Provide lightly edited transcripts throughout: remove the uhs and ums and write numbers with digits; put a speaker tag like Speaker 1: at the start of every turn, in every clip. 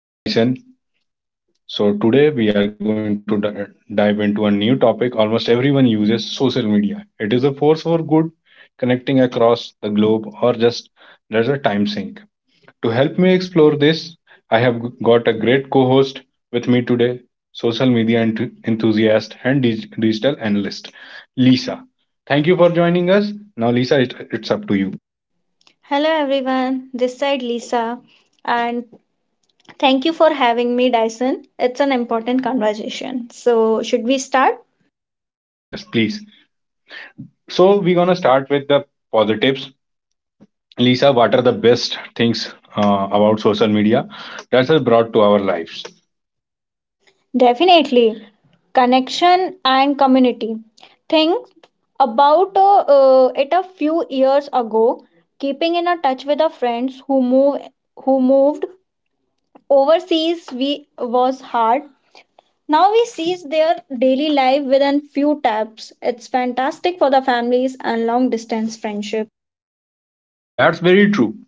Speaker 1: I am Dyson. So today we are going to dive into a new topic. Almost everyone uses social media. It is a force for good, connecting across the globe, or just there's a time sink. To help me explore this, I have got a great co host with me today, social media enthusiast and digital analyst, Lisa. Thank you for joining us. Now, Lisa, it's up to you.
Speaker 2: Hello everyone, this side Lisa, and thank you for having me, Dyson. It's an important conversation. So, should we start?
Speaker 1: Yes, yes, please. So, we're gonna start with the positives. Lisa, what are the best things about social media that has brought to our lives?
Speaker 2: Definitely. Connection and community. Think about it a few years ago, keeping in a touch with our friends who moved overseas we was hard. Now we see their daily life within few taps. It's fantastic for the families and long distance friendship.
Speaker 1: That's very true.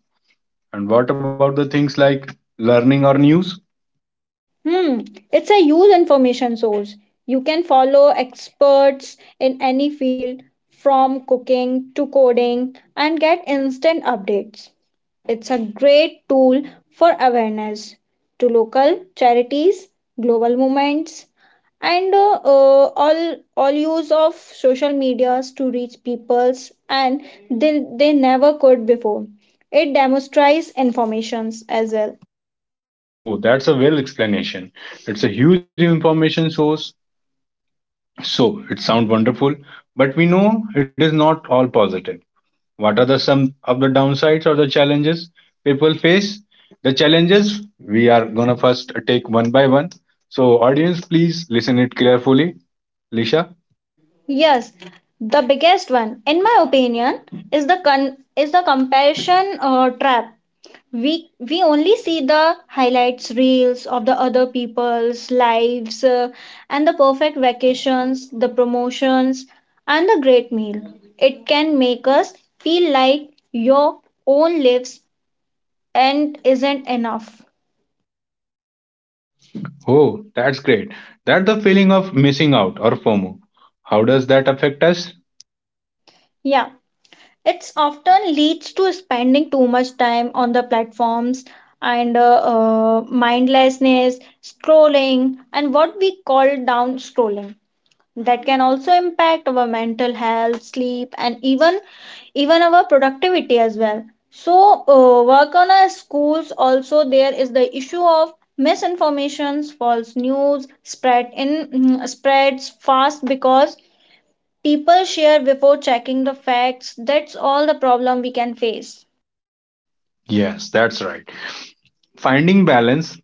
Speaker 1: And what about the things like learning or news?
Speaker 2: Hmm, it's a huge information source. You can follow experts in any field from cooking to coding and get instant updates. It's a great tool for awareness to local charities, global movements, and all use of social medias to reach peoples and they never could before. It demonstrates informations as well.
Speaker 1: Oh, that's a well explanation. It's a huge information source. So it sounds wonderful, but we know it is not all positive. What are the some of the downsides or the challenges people face? The challenges we are gonna first take one by one. So audience, please listen it carefully. Lisha.
Speaker 2: Yes, the biggest one, in my opinion, is the comparison trap. We only see the highlights reels of the other people's lives and the perfect vacations, the promotions, and the great meal. It can make us feel like your own lives and isn't enough.
Speaker 1: Oh, that's great. That's the feeling of missing out or FOMO. How does that affect us?
Speaker 2: Yeah. It often leads to spending too much time on the platforms and mindlessness scrolling and what we call down scrolling that can also impact our mental health sleep and even our productivity as well, so work on our schools also there is the issue of misinformations false news spreads fast because people share before checking the facts. That's all the problem we can face.
Speaker 1: Yes, that's right. Finding balance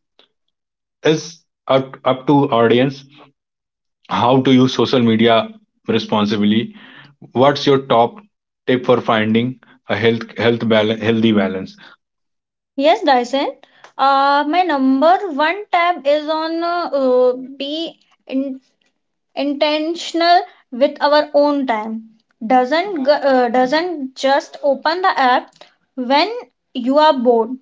Speaker 1: is up to audience. How to use social media responsibly? What's your top tip for finding a healthy balance?
Speaker 2: Yes, Dyson. My number one tab is on be in- intentional with our own time. Doesn't just open the app when you are bored.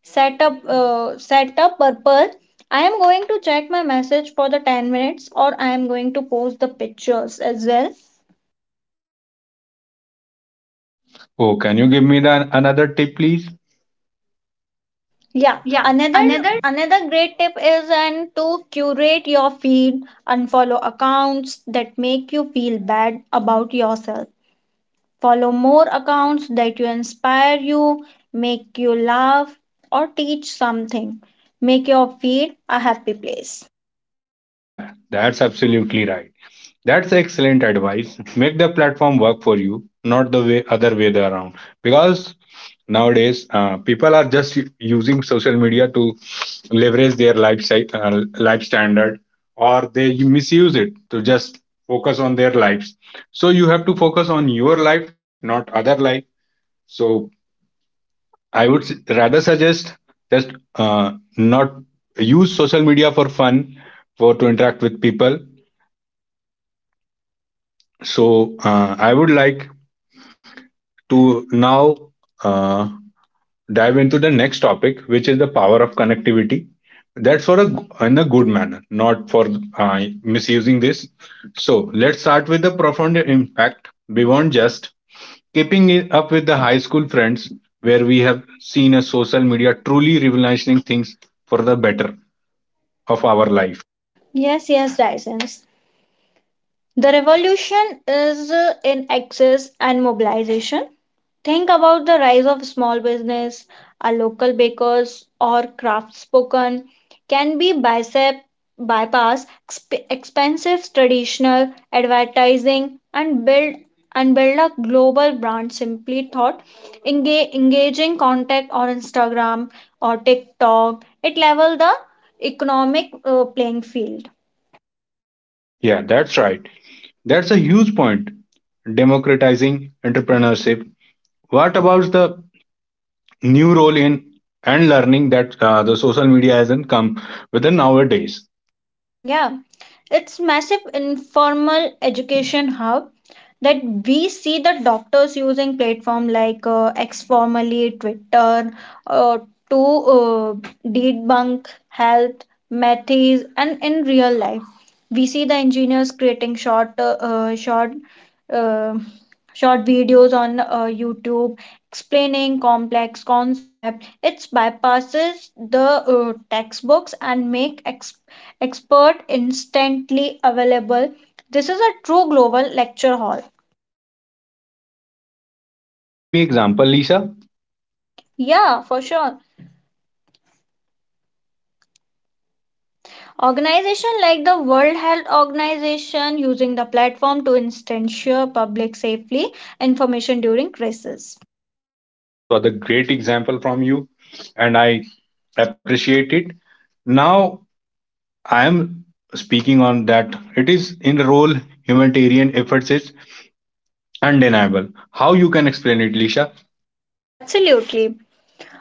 Speaker 2: Set up purpose. I am going to check my message for the 10 minutes or I am going to post the pictures as well.
Speaker 1: Oh, can you give me the another tip, please?
Speaker 2: Yeah,
Speaker 1: Yeah, another.
Speaker 2: another great tip is and to curate your feed, unfollow accounts that make you feel bad about yourself. Follow more accounts that you inspire you, make you laugh or teach something. Make your feed a happy place.
Speaker 1: Yeah, that's absolutely right. That's excellent advice. Make the platform work for you, not the way other way around. Because nowadays, people are just using social media to leverage their lifestyle, life standard, or they misuse it to just focus on their lives. So you have to focus on your life, not other life. So I would rather suggest just not use social media for fun, for to interact with people. So I would like to now uh, dive into the next topic, which is the power of connectivity. That's for a in a good manner, not for misusing this. So let's start with the profound impact beyond just keeping it up with the high school friends, where we have seen a social media truly revolutionizing things for the better of our life.
Speaker 2: Yes, yes, Dyson. The revolution is in access and mobilization. Think about the rise of small business, our local bakers or craftspoken can be bicep, bypass expensive traditional advertising and build a global brand simply thought engaging contact on Instagram or TikTok. It level the economic playing field.
Speaker 1: Yeah, that's right. That's a huge point. Democratizing entrepreneurship. What about the new role in and learning that the social media hasn't come within nowadays.
Speaker 2: Yeah, it's massive informal education hub that we see the doctors using platform like X formerly Twitter, uh, to debunk health methods and in real life we see the engineers creating uh, short videos on YouTube explaining complex concept. It bypasses the textbooks and make expert instantly available. This is a true global lecture hall.
Speaker 1: Can you give me example, Lisa?
Speaker 2: Yeah, for sure. Organization like the World Health Organization using the platform to ensure public safely information during crisis.
Speaker 1: Yeah, that's what a great example from you, and I appreciate it. Now I am speaking on that. It is in the role humanitarian efforts is undeniable. How you can explain it, Lisha?
Speaker 2: Absolutely.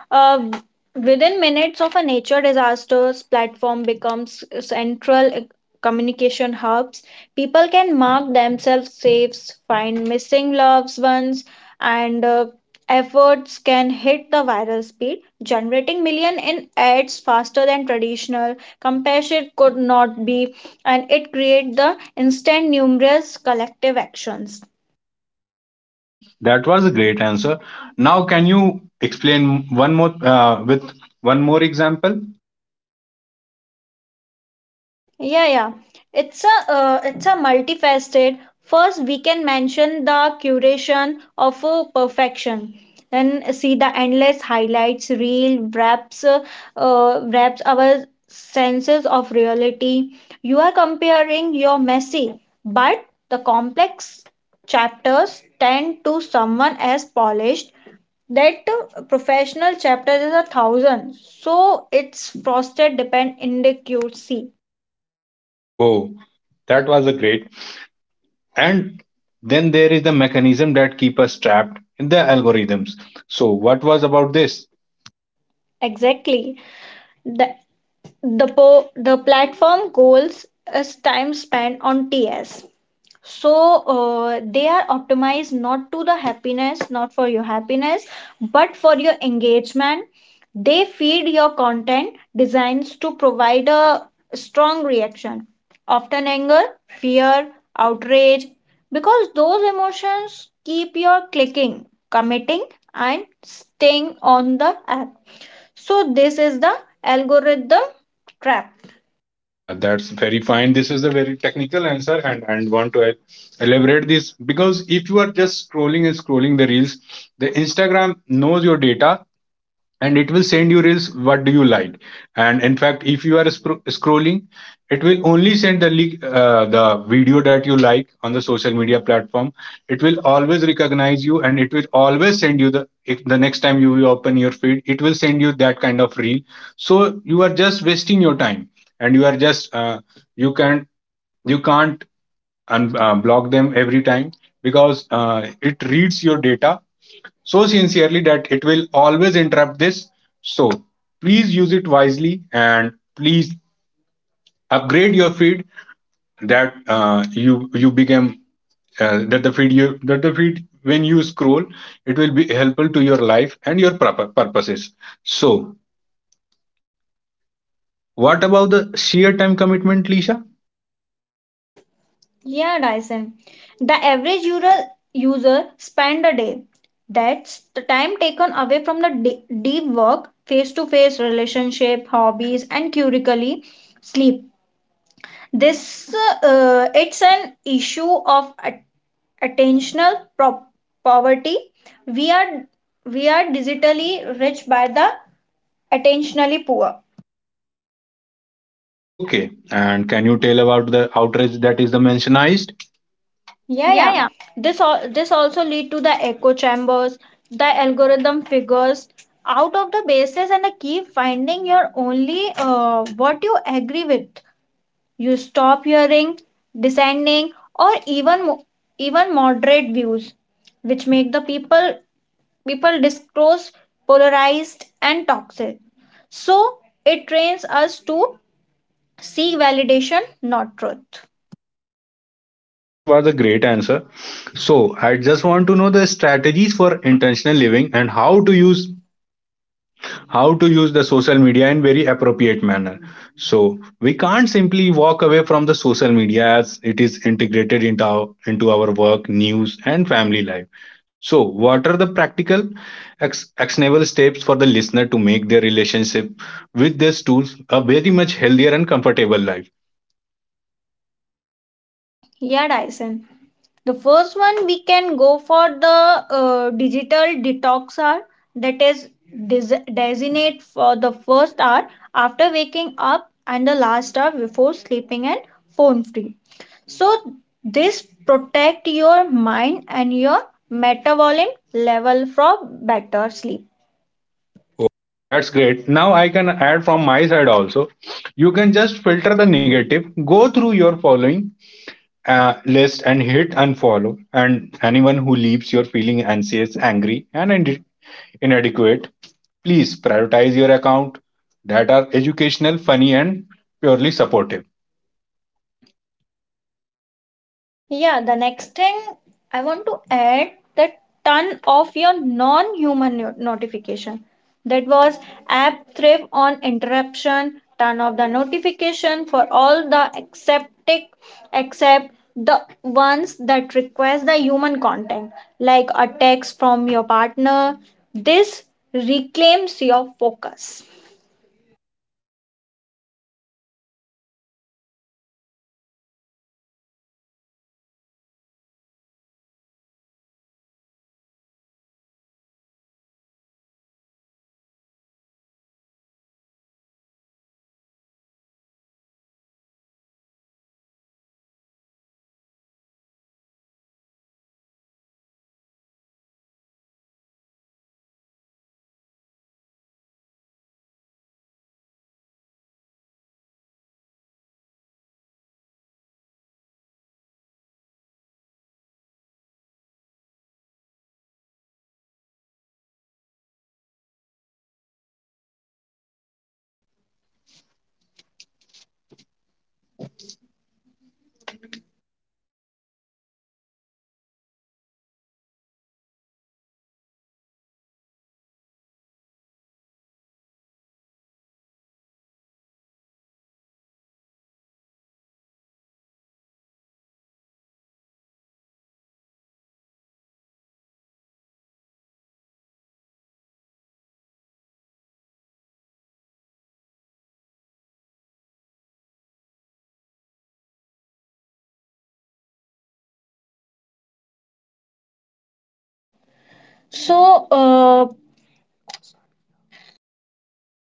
Speaker 2: Uh, Within minutes of a nature disasters, platform becomes central communication hubs. People can mark themselves safe, find missing loved ones, and efforts can hit the viral speed, generating million in ads faster than traditional. Compassion could not be, and it create the instant numerous collective actions.
Speaker 1: Oh, that was a great answer. Now can you explain one more with one more example?
Speaker 2: Yeah, yeah. It's a multifaceted. First, we can mention the curation of perfection. Then see the endless highlights reel wraps wraps our senses of reality. You are comparing your messy, but the complex chapters tend to someone as polished. That professional chapter is a thousand, so it's frosted depend inaccuracy.
Speaker 1: Oh, that was a great. And then there is the mechanism that keep us trapped in the algorithms, so what was about this?
Speaker 2: Exactly. The the platform goals is time spent on TS. So they are optimized not to the happiness, not for your happiness, but for your engagement. They feed your content designs to provide a strong reaction, often anger, fear, outrage, because those emotions keep your clicking, committing, and staying on the app. So this is the algorithm trap.
Speaker 1: Yeah, that's very fine. This is the very technical answer, and want to elaborate this, because if you are just scrolling and scrolling the reels, the Instagram knows your data and it will send you reels what do you like. And in fact, if you are spro scrolling, it will only send the link, the video that you like on the social media platform. It will always recognize you and it will always send you the, if the next time you will open your feed, it will send you that kind of reel. So you are just wasting your time, and you are just you can, you can't, and block them every time, because it reads your data so sincerely that it will always interrupt this. So please use it wisely and please upgrade your feed that you become that the feed you, that the feed when you scroll, it will be helpful to your life and your proper purposes. So what about the sheer time commitment, Lisha?
Speaker 2: Yeah, Dyson. The average user spend a day. That's the time taken away from the deep work, face-to-face relationship, hobbies, and currically sleep. This it's an issue of attentional poverty. We are we are digitally rich by the attentionally poor.
Speaker 1: Okay, and can you tell about the outrage that is the mentioned?
Speaker 2: Yeah, yeah. This also lead to the echo chambers. The algorithm figures out of the basis and keep finding your only what you agree with. You stop hearing, dissenting, or even moderate views, which make the people discourse polarized and toxic. So it trains us to seek validation, not truth.
Speaker 1: Okay, that was a great answer. So I just want to know the strategies for intentional living and how to use the social media in very appropriate manner. So we can't simply walk away from the social media as it is integrated into our work, news, and family life. So what are the practical actionable steps for the listener to make their relationship with these tools a very much healthier and comfortable life?
Speaker 2: Yeah, Dyson. The first one we can go for the digital detox hour that is designate for the first hour after waking up and the last hour before sleeping and phone free. So this protect your mind and your metabolism level from better sleep.
Speaker 1: Oh, that's great. Now I can add from my side also. You can just filter the negative, go through your following list and hit unfollow. And anyone who leaves your feeling anxious, angry, and inadequate, please prioritize your account that are educational, funny, and purely supportive.
Speaker 2: Yeah, the next thing I want to add the turn off your non human notification. That was app thrive on interruption, turn off the notification for all the acceptic except the ones that request the human contact, like a text from your partner. This reclaims your focus. So,